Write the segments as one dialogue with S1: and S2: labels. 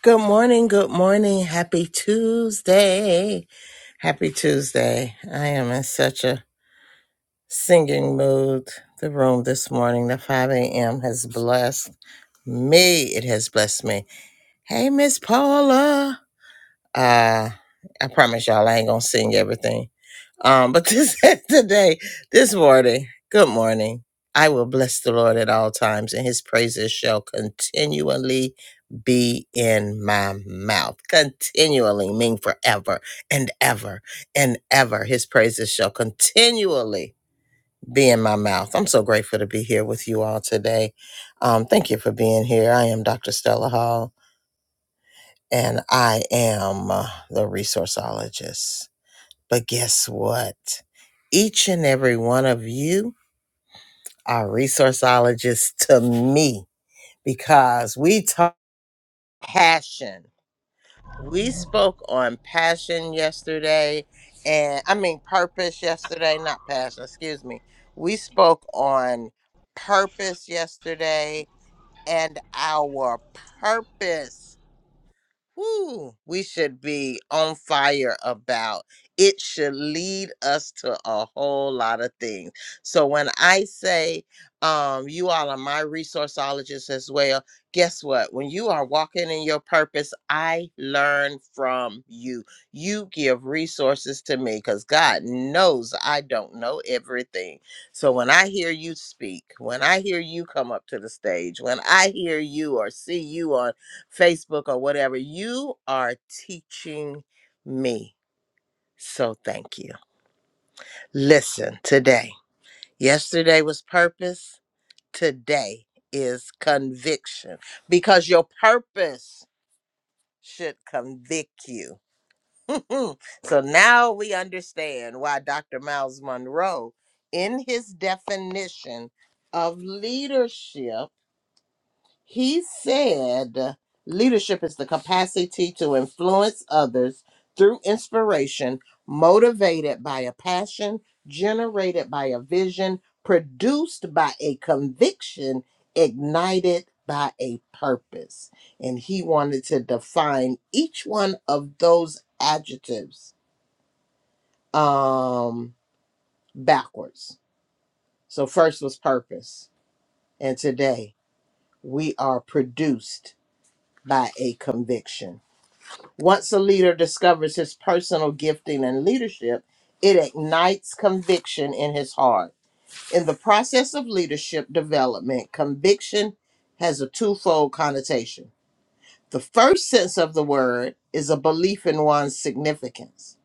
S1: Good morning, good morning. Happy Tuesday. Happy Tuesday. I am in such a singing mood. The room this morning, the 5 a.m., has blessed me. It has blessed me. Hey, Miss Paula. Uh, I promise y'all, I ain't gonna sing everything. Um, but this today, this morning, good morning. I will bless the Lord at all times, and His praises shall continually be in my mouth. Continually mean forever and ever and ever. His praises shall continually be in my mouth. I'm so grateful to be here with you all today. Um, thank you for being here. I am Dr. Stella Hall and I am uh, the resourceologist. But guess what? Each and every one of you are resourceologists to me because we talk passion. We spoke on passion yesterday, and I mean purpose yesterday, not passion, excuse me. We spoke on purpose yesterday and our purpose. whew, we should be on fire about. It should lead us to a whole lot of things. So when I say um, you all are my resourceologists as well, guess what? When you are walking in your purpose, I learn from you. You give resources to me because God knows I don't know everything. So when I hear you speak, when I hear you come up to the stage, when I hear you or see you on Facebook or whatever. You are teaching me. So thank you. Listen, today, yesterday was purpose, today is conviction because your purpose should convict you. so now we understand why Dr. Miles Monroe, in his definition of leadership, He said leadership is the capacity to influence others through inspiration, motivated by a passion, generated by a vision, produced by a conviction, ignited by a purpose. And he wanted to define each one of those adjectives um, backwards. So, first was purpose. And today we are produced by a conviction Once a leader discovers his personal gifting and leadership, it ignites conviction in his heart. In the process of leadership development, conviction has a twofold connotation. The first sense of the word is a belief in one's significance.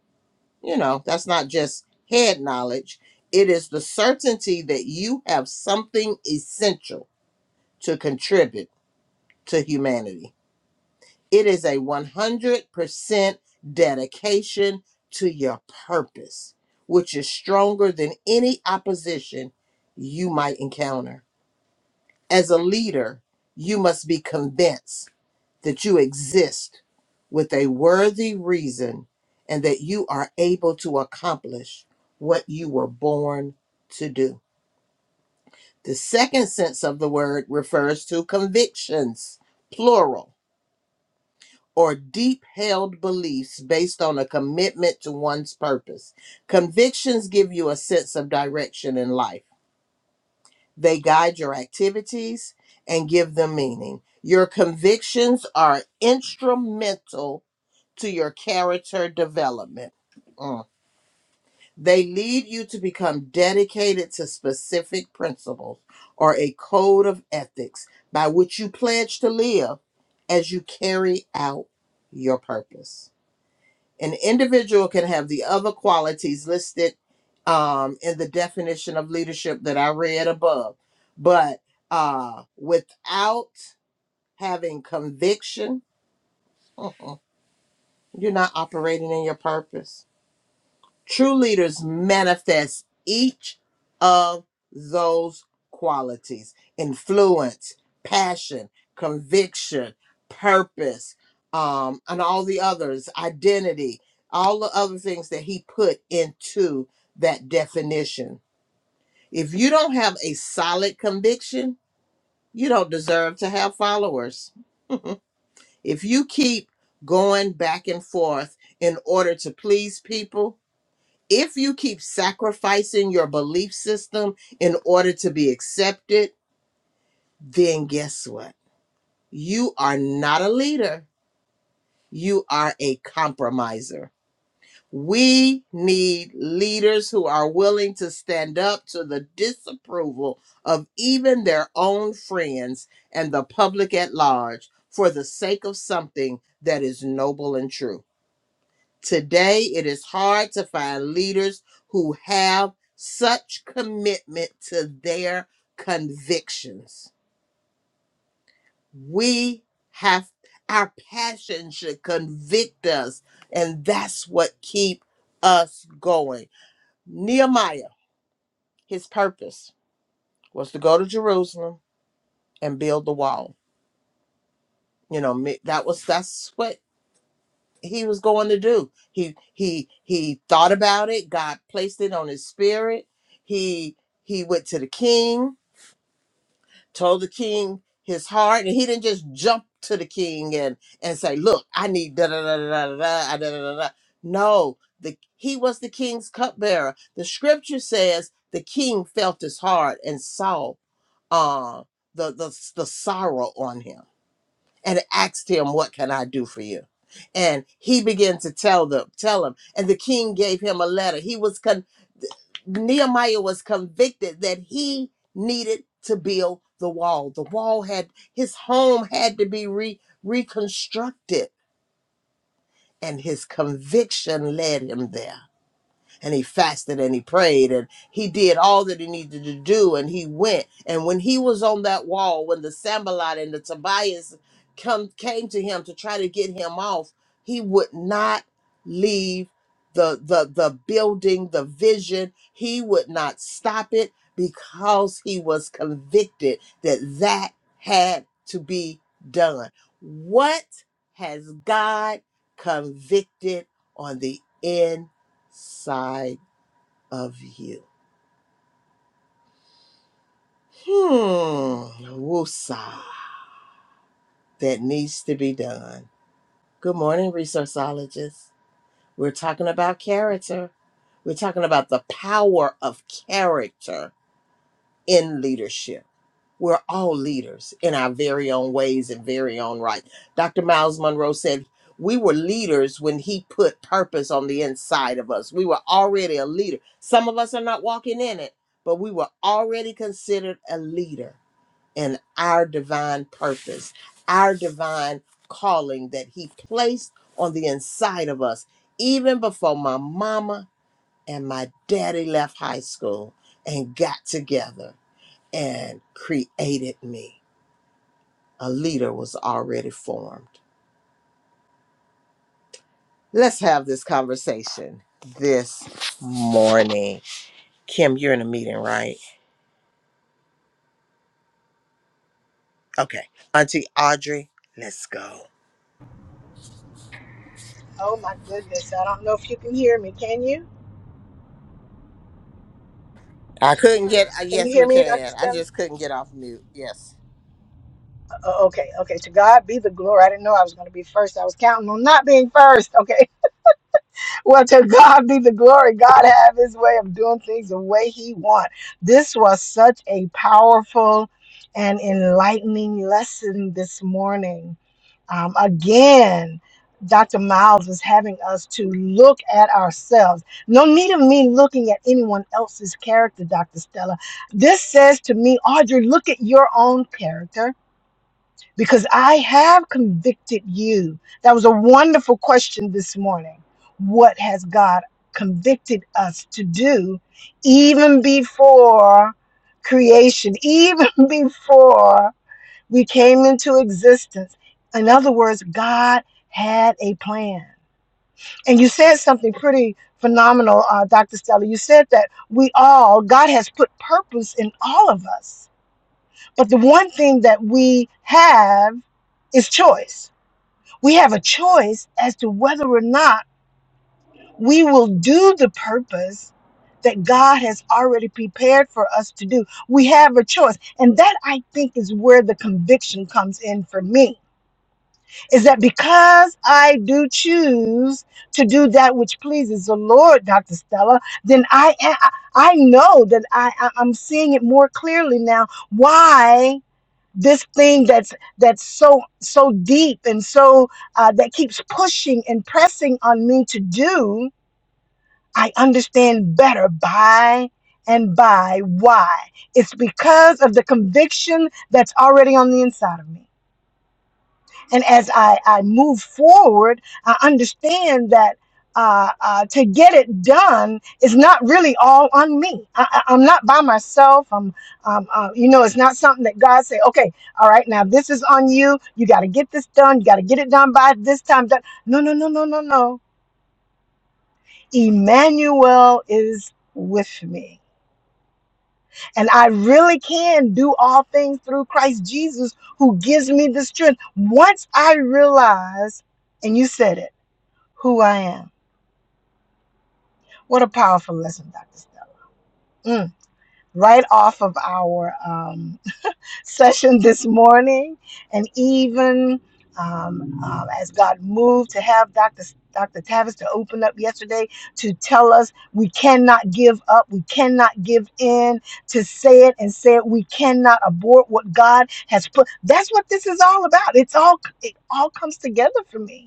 S1: You know, that's not just head knowledge, it is the certainty that you have something essential to contribute to humanity. It is a 100% dedication to your purpose, which is stronger than any opposition you might encounter. As a leader, you must be convinced that you exist with a worthy reason and that you are able to accomplish what you were born to do. The second sense of the word refers to convictions, plural or deep held beliefs based on a commitment to one's purpose. Convictions give you a sense of direction in life, they guide your activities and give them meaning. Your convictions are instrumental to your character development. Mm. They lead you to become dedicated to specific principles or a code of ethics by which you pledge to live as you carry out your purpose. An individual can have the other qualities listed um, in the definition of leadership that I read above, but uh, without having conviction, uh-uh, you're not operating in your purpose. True leaders manifest each of those qualities influence, passion, conviction, purpose, um, and all the others, identity, all the other things that he put into that definition. If you don't have a solid conviction, you don't deserve to have followers. if you keep going back and forth in order to please people, if you keep sacrificing your belief system in order to be accepted, then guess what? You are not a leader. You are a compromiser. We need leaders who are willing to stand up to the disapproval of even their own friends and the public at large for the sake of something that is noble and true. Today, it is hard to find leaders who have such commitment to their convictions. We have our passion should convict us, and that's what keep us going. Nehemiah, his purpose was to go to Jerusalem and build the wall. You know, me- that was that's what he was going to do. He he he thought about it. God placed it on his spirit. He he went to the king, told the king his heart, and he didn't just jump to the king and and say, "Look, I need da da da da da da da da da." da, No, the he was the king's cupbearer. The scripture says the king felt his heart and saw uh the the the sorrow on him and asked him, "What can I do for you?" And he began to tell them, tell him, and the king gave him a letter. He was con- Nehemiah was convicted that he needed to build the wall. The wall had his home had to be re- reconstructed, and his conviction led him there and he fasted and he prayed and he did all that he needed to do and he went. And when he was on that wall, when the Sambalot and the Tobias come came to him to try to get him off, he would not leave the the the building, the vision. He would not stop it because he was convicted that that had to be done. What has God convicted on the inside? side of you. Hmm, woosah, that needs to be done. Good morning, resourceologists. We're talking about character. We're talking about the power of character in leadership. We're all leaders in our very own ways and very own right. Dr. Miles Monroe said, We were leaders when he put purpose on the inside of us. We were already a leader. Some of us are not walking in it, but we were already considered a leader in our divine purpose, our divine calling that he placed on the inside of us, even before my mama and my daddy left high school and got together and created me. A leader was already formed. Let's have this conversation this morning. Kim, you're in a meeting, right? Okay. Auntie Audrey, let's go.
S2: Oh my goodness. I don't know if you can hear me. Can you?
S1: I couldn't get,
S2: Oops.
S1: uh,
S2: Can you
S1: yes, we
S2: hear me, Dr.
S1: can. I
S2: Stella?
S1: just couldn't get off mute. Yes.
S2: Uh, okay, okay. To God be the glory. I didn't know I was going to be first. I was counting on not being first. Okay. Well, to God be the glory. God have his way of doing things the way he wants. This was such a powerful and enlightening lesson this morning. Um, again, Dr. Miles is having us to look at ourselves. No need of me looking at anyone else's character, Dr. Stella. This says to me, Audrey, look at your own character because I have convicted you. That was a wonderful question this morning. What has God convicted us to do even before creation, even before? We came into existence. In other words, God had a plan. And you said something pretty phenomenal, uh, Dr. Stella. You said that we all, God has put purpose in all of us. But the one thing that we have is choice. We have a choice as to whether or not we will do the purpose that God has already prepared for us to do. We have a choice. And that I think is where the conviction comes in for me is that because I do choose to do that which pleases the Lord, Dr. Stella, then I I I know that I I- I'm seeing it more clearly now why this thing that's that's so so deep and so uh, that keeps pushing and pressing on me to do, I understand better by and by why. It's because of the conviction that's already on the inside of me. And as I, I move forward, I understand that uh, uh, to get it done is not really all on me. I, I- I'm not by myself. I'm, um, uh, you know, it's not something that God say, okay, all right, now this is on you. You got to get this done. You got to get it done by this time. Done. No, no, no, no, no, no. Emmanuel is with me. And I really can do all things through Christ Jesus who gives me the strength. Once I realize, and you said it who I am. What a powerful lesson, Dr. Stella. Mm. Right off of our um, session this morning, and even um, um, as God moved to have Dr. Dr. Tavis to open up yesterday to tell us we cannot give up, we cannot give in, to say it and say it, we cannot abort what God has put. That's what this is all about. It's all it all comes together for me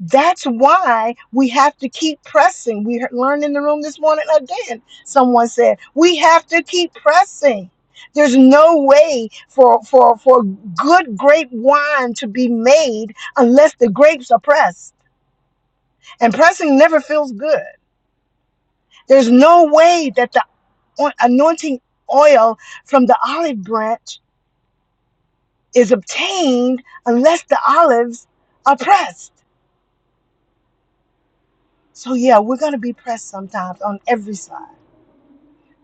S2: That's why we have to keep pressing. We learned in the room this morning again. Someone said, we have to keep pressing. There's no way for, for, for good grape wine to be made unless the grapes are pressed. And pressing never feels good. There's no way that the o- anointing oil from the olive branch is obtained unless the olives are pressed. So, yeah, we're going to be pressed sometimes on every side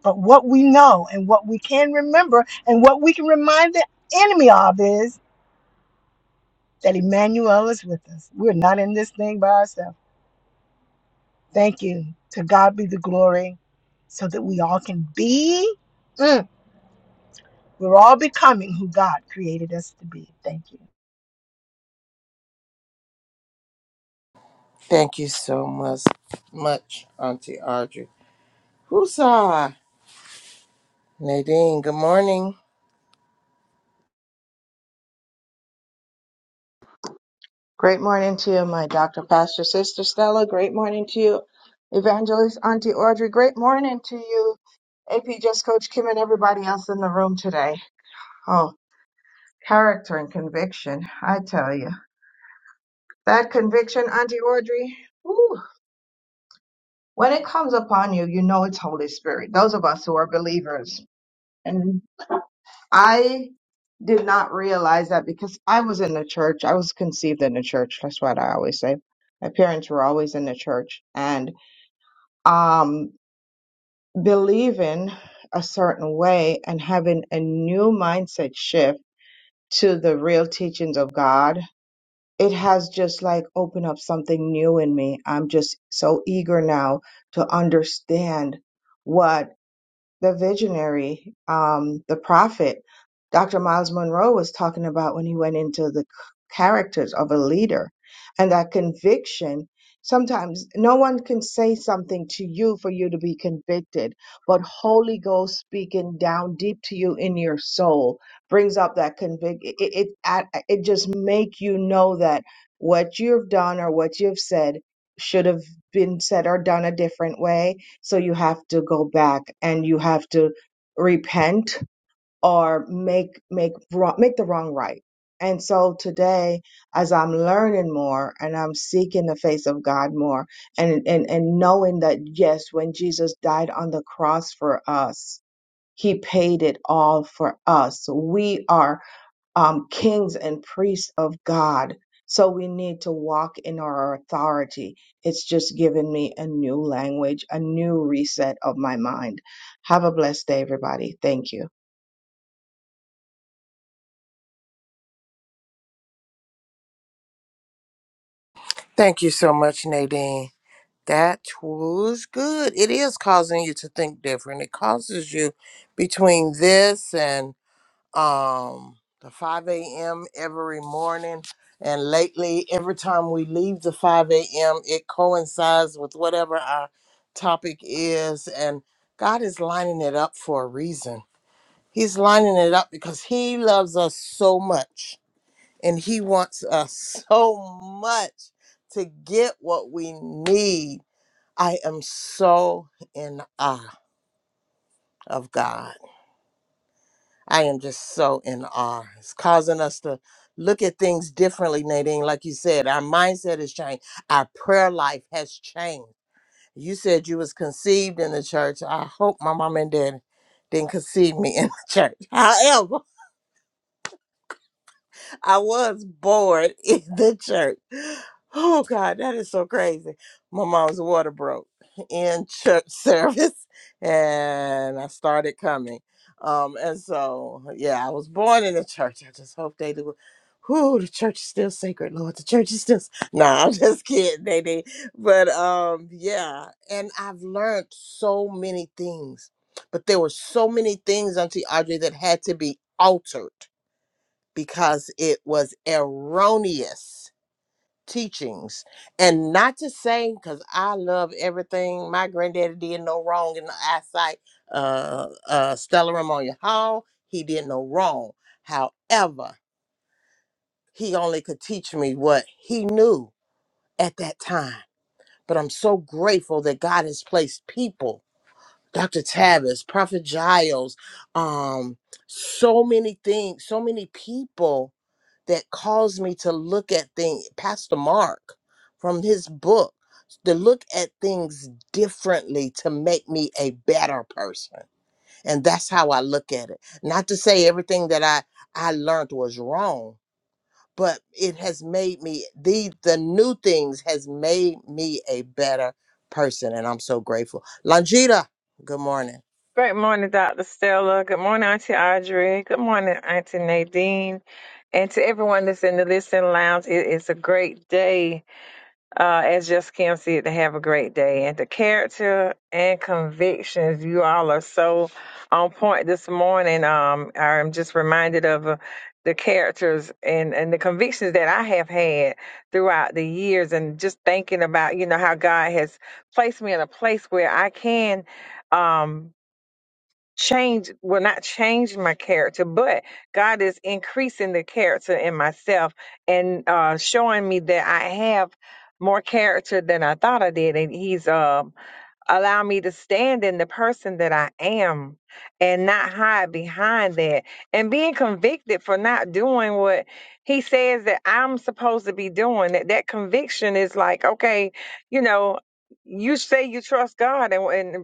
S2: But what we know and what we can remember and what we can remind the enemy of is that Emmanuel is with us. We're not in this thing by ourselves. Thank you. To God be the glory so that we all can be, mm, we're all becoming who God created us to be. Thank you.
S1: Thank you so much, much, Auntie Audrey. Who's Nadine? Good morning.
S3: Great morning to you, my Dr. Pastor Sister Stella. Great morning to you, Evangelist Auntie Audrey. Great morning to you, AP Just Coach Kim and everybody else in the room today. Oh, character and conviction, I tell you. That conviction, Auntie Audrey, whew, when it comes upon you, you know it's Holy Spirit. Those of us who are believers. And I did not realize that because I was in the church. I was conceived in the church. That's what I always say. My parents were always in the church. and um, believing a certain way and having a new mindset shift to the real teachings of God, it has just like opened up something new in me. I'm just so eager now to understand what the visionary, um, the prophet, Dr. Miles Monroe was talking about when he went into the characters of a leader and that conviction. Sometimes no one can say something to you for you to be convicted, but Holy Ghost speaking down deep to you in your soul brings up that convict. It it, it it just make you know that what you've done or what you've said should have been said or done a different way so you have to go back and you have to repent or make make wrong, make the wrong right. And so today, as I'm learning more and I'm seeking the face of God more and, and, and knowing that, yes, when Jesus died on the cross for us, he paid it all for us. We are um, kings and priests of God. So we need to walk in our authority. It's just given me a new language, a new reset of my mind. Have a blessed day, everybody. Thank you.
S1: Thank you so much, Nadine. That was good. It is causing you to think different. It causes you between this and um the 5 a.m. every morning. And lately, every time we leave the 5 a.m., it coincides with whatever our topic is. And God is lining it up for a reason. He's lining it up because He loves us so much and He wants us so much to get what we need I am so in awe of God. I am just so in awe. It's causing us to look at things differently, Nadine. Like you said, our mindset has changed. Our prayer life has changed. You said you was conceived in the church. I hope my mom and dad didn't conceive me in the church. However, I was bored in the church. Oh God, that is so crazy. My mom's water broke in church service, and I started coming. Um, and so yeah, I was born in the church. I just hope they do. Whoo, the church is still sacred, Lord. The church is still. Nah, I'm just kidding, they did. But um, yeah, and I've learned so many things. But there were so many things, Auntie Audrey, that had to be altered because it was erroneous teachings and not to say because i love everything my granddaddy did no wrong in the eyesight uh uh stella ramonia hall he did no wrong however he only could teach me what he knew at that time but i'm so grateful that god has placed people dr tavis prophet giles um so many things so many people that caused me to look at things, Pastor Mark from his book, to look at things differently to make me a better person. And that's how I look at it. Not to say everything that I, I learned was wrong, but it has made me the the new things has made me a better person. And I'm so grateful. Longita, good morning.
S4: Great morning, Dr. Stella. Good morning, Auntie Audrey. Good morning, Auntie Nadine. And to everyone that's in the listening lounge, it is a great day. Uh, as just Kim said, to have a great day. And the character and convictions, you all are so on point this morning. Um, I'm just reminded of uh, the characters and, and the convictions that I have had throughout the years, and just thinking about you know how God has placed me in a place where I can. Um, change will not change my character but god is increasing the character in myself and uh showing me that i have more character than i thought i did and he's um allowed me to stand in the person that i am and not hide behind that and being convicted for not doing what he says that i'm supposed to be doing that that conviction is like okay you know you say you trust god and, and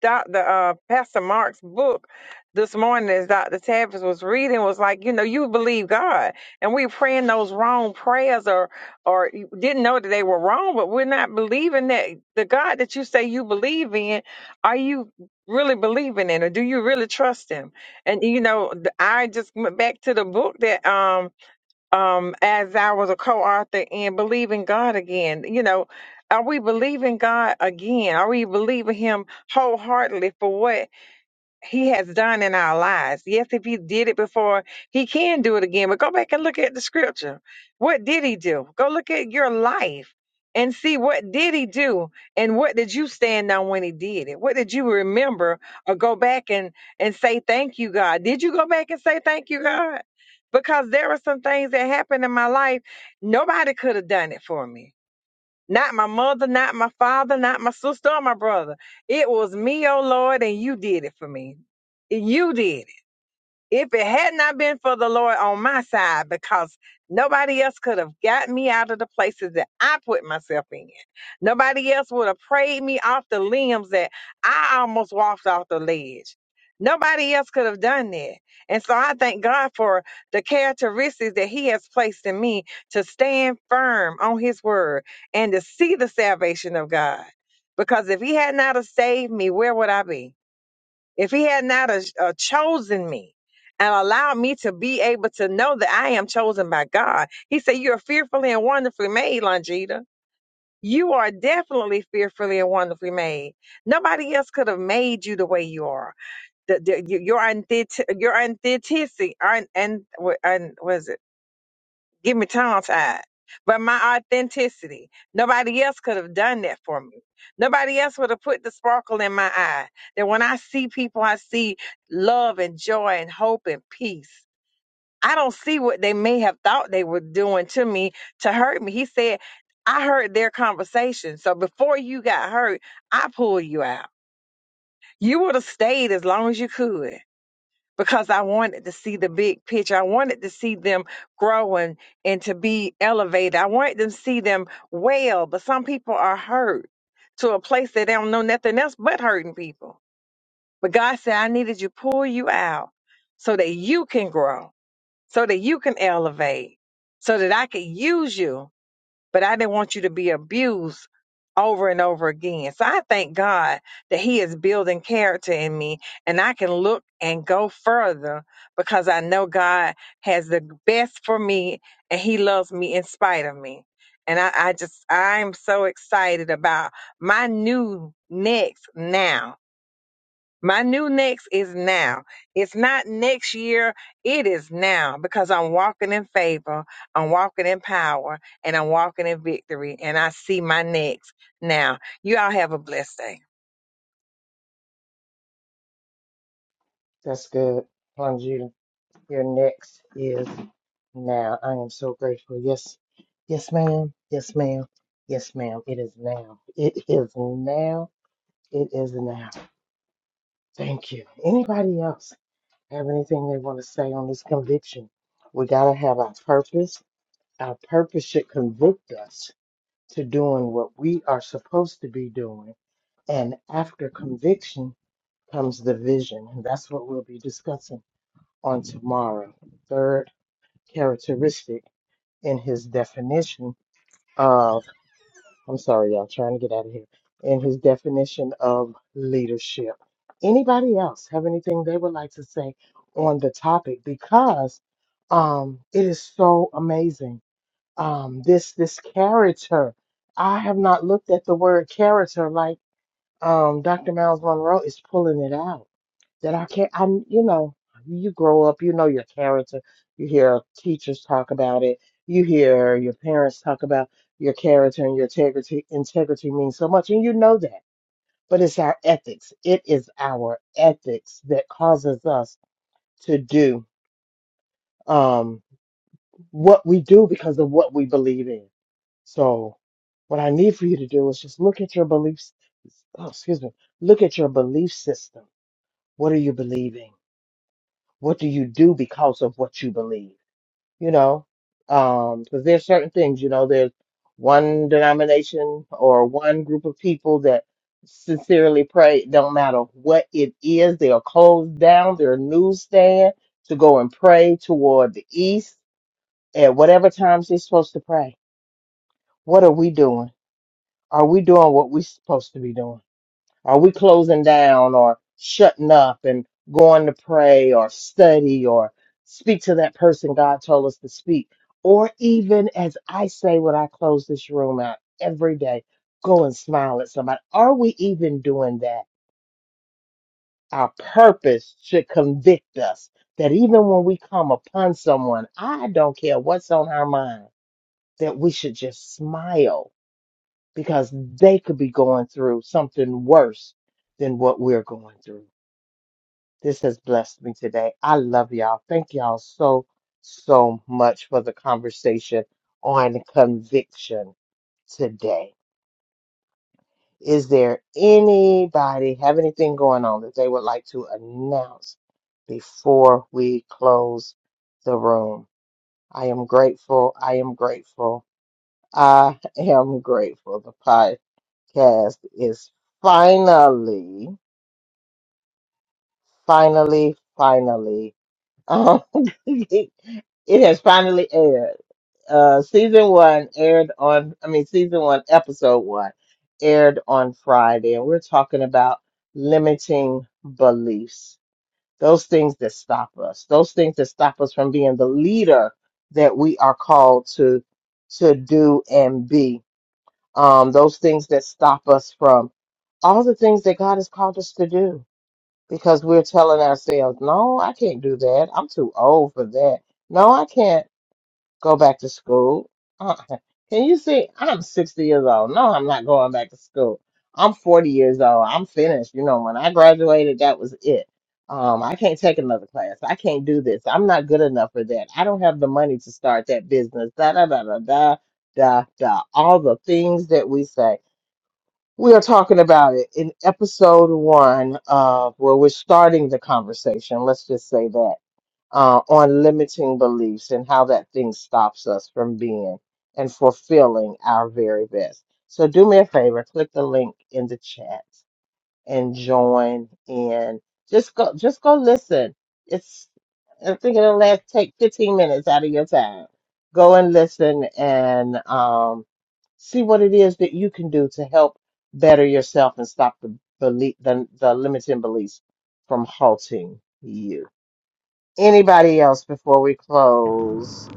S4: Dr. Uh, Pastor Mark's book this morning as Dr. Tavis was reading was like, you know, you believe God. And we are praying those wrong prayers or or you didn't know that they were wrong, but we're not believing that the God that you say you believe in, are you really believing in or do you really trust him? And you know, th- I just went back to the book that um um, as I was a co-author in believing God again. You know, are we believing God again? Are we believing Him wholeheartedly for what? he has done in our lives. Yes, if he did it before, he can do it again. But go back and look at the scripture. What did he do? Go look at your life and see what did he do and what did you stand on when he did it? What did you remember or go back and and say thank you God? Did you go back and say thank you God? Because there were some things that happened in my life nobody could have done it for me. Not my mother, not my father, not my sister or my brother. It was me, oh Lord, and you did it for me. You did. If it had not been for the Lord on my side, because nobody else could have got me out of the places that I put myself in. Nobody else would have prayed me off the limbs that I almost walked off the ledge. Nobody else could have done that. And so I thank God for the characteristics that He has placed in me to stand firm on His word and to see the salvation of God. Because if He had not have saved me, where would I be? if he had not a, a chosen me and allowed me to be able to know that I am chosen by God. He said, You're fearfully and wonderfully made, Longita. You are definitely fearfully and wonderfully made. Nobody else could have made you the way you are. The, the, your your authentic, your authenticity, and, Give me tongue tied. But my authenticity, nobody else could have done that for me. Nobody else would have put the sparkle in my eye. That when I see people, I see love and joy and hope and peace. I don't see what they may have thought they were doing to me to hurt me. He said, I heard their conversation. So before you got hurt, I pulled you out. You would have stayed as long as you could because I wanted to see the big picture. I wanted to see them growing and to be elevated. I wanted them to see them well, but some people are hurt to a place that they don't know nothing else but hurting people. But God said, I needed you pull you out so that you can grow, so that you can elevate, so that I could use you but I didn't want you to be abused over and over again. So I thank God that He is building character in me and I can look and go further because I know God has the best for me and He loves me in spite of me. And I, I just, I'm so excited about my new next now my new next is now. It's not next year. It is now because I'm walking in favor. I'm walking in power and I'm walking in victory. And I see my next now. You all have a blessed day.
S1: That's good. Your next is now. I am so grateful. Yes, yes, ma'am. Yes, ma'am. Yes, ma'am. It is now. It is now. It is now. Thank you. Anybody else have anything they want to say on this conviction? We got to have our purpose. Our purpose should convict us to doing what we are supposed to be doing. And after conviction comes the vision. And that's what we'll be discussing on tomorrow. Third characteristic. in his definition of, I'm sorry, y'all, trying to get out of here, in his definition of leadership. Anybody else have anything they would like to say on the topic? Because um, it is so amazing. Um, this this character, I have not looked at the word character like um, Dr. Miles Monroe is pulling it out. That I can't, I'm, you know, you grow up, you know your character. You hear teachers talk about it. You hear your parents talk about your character and your integrity. Integrity means so much, and you know that. But it's our ethics. It is our ethics that causes us to do um, what we do because of what we believe in. So, what I need for you to do is just look at your beliefs. Oh, excuse me. Look at your belief system What are you believing? What do you do because of what you believe? You know, um, because there's certain things, you know, there's one denomination or one group of people that sincerely pray, it don't matter what it is, they'll close down their newsstand to go and pray toward the east at whatever times they're supposed to pray. What are we doing? Are we doing what we're supposed to be doing? Are we closing down or shutting up and going to pray or study or speak to that person God told us to speak? Or even as I say when I close this room out every day, go and smile at somebody. Are we even doing that? Our purpose should convict us that even when we come upon someone, I don't care what's on our mind, that we should just smile because they could be going through something worse than what we're going through. This has blessed me today. I love y'all. Thank y'all so, so much for the conversation on conviction today. Is there anybody have anything going on that they would like to announce before we close the room? I am grateful. I am grateful. I am grateful. The podcast is finally, finally, finally. Um, it has finally aired. Uh, season one aired on, I mean, season one, episode one aired on Friday, and we're talking about limiting beliefs, those things that stop us, those things that stop us from being the leader that we are called to to do and be. Um, those things that stop us from all the things that God has called us to do because we're telling ourselves, no, I can't do that. I'm too old for that. No, I can't go back to school. Uh, can you see? I'm 60 years old. No, I'm not going back to school. I'm 40 years old. I'm finished. You know, when I graduated, that was it. Um, I can't take another class. I can't do this. I'm not good enough for that. I don't have the money to start that business. Da da da da da da da. All the things that we say. We are talking about it in episode one of where we're starting the conversation. Let's just say that uh, on limiting beliefs and how that thing stops us from being and fulfilling our very best. So do me a favor, click the link in the chat and join in. Just go, just go listen. It's, I think it'll last, take 15 minutes out of your time. Go and listen and, um, see what it is that you can do to help better yourself and stop the belief, the, the limiting beliefs from halting you. Anybody else before we close?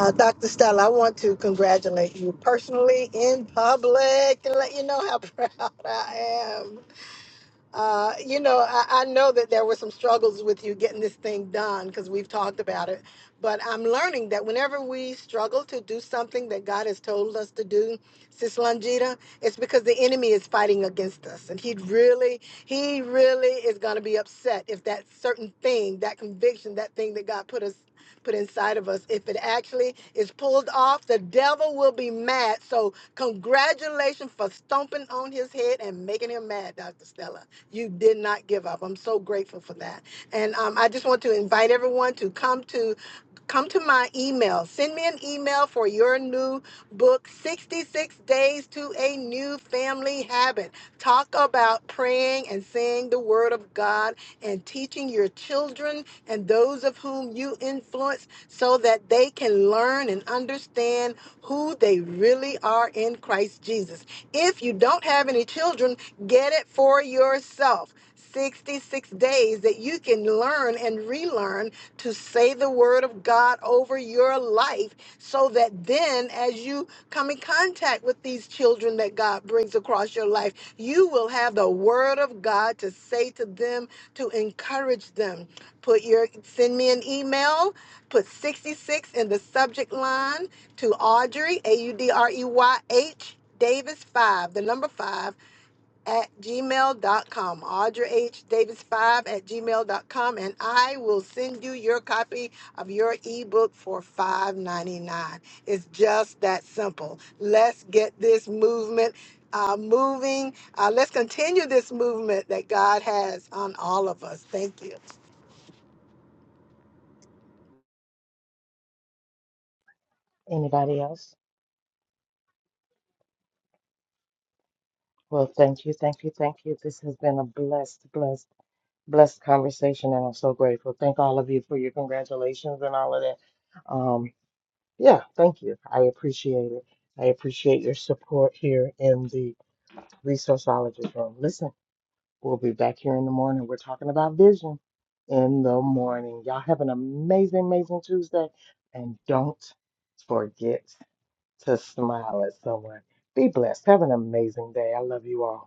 S2: Uh, Dr. Stella, I want to congratulate you personally in public and let you know how proud I am. Uh, you know, I, I know that there were some struggles with you getting this thing done because we've talked about it. But I'm learning that whenever we struggle to do something that God has told us to do, Sis Longita, it's because the enemy is fighting against us. And he really, he really is going to be upset if that certain thing, that conviction, that thing that God put us put inside of us, if it actually is pulled off, the devil will be mad. So congratulations for stomping on his head and making him mad, Dr. Stella. You did not give up. I'm so grateful for that. And um, I just want to invite everyone to come to come to my email. Send me an email for your new book, 66 Days to a New Family Habit. Talk about praying and saying the Word of God and teaching your children and those of whom you influence so that they can learn and understand who they really are in Christ Jesus. If you don't have any children, get it for yourself. 66 days that you can learn and relearn to say the word of God over your life so that then as you come in contact with these children that God brings across your life, you will have the word of God to say to them to encourage them. Put your send me an email, put 66 in the subject line to Audrey, A U D R E Y 8 Davis 5 number 5 at gmail dot Audrey 8 davis 5 at gmail dot com I will send you your copy of your ebook for $5.99. It's just that simple. Let's get this movement uh, moving. Uh, let's continue this movement that God has on all of us. Thank you.
S1: Anybody else? Well, thank you, thank you, thank you. This has been a blessed, blessed. blessed conversation, and I'm so grateful. Thank all of you for your congratulations and all of that. Um, yeah, thank you. I appreciate it. I appreciate your support here in the resourceologist room. Listen, we'll be back here in the morning. We're talking about vision in the morning. Y'all have an amazing, amazing Tuesday, and don't forget to smile at someone. Be blessed. Have an amazing day. I love you all.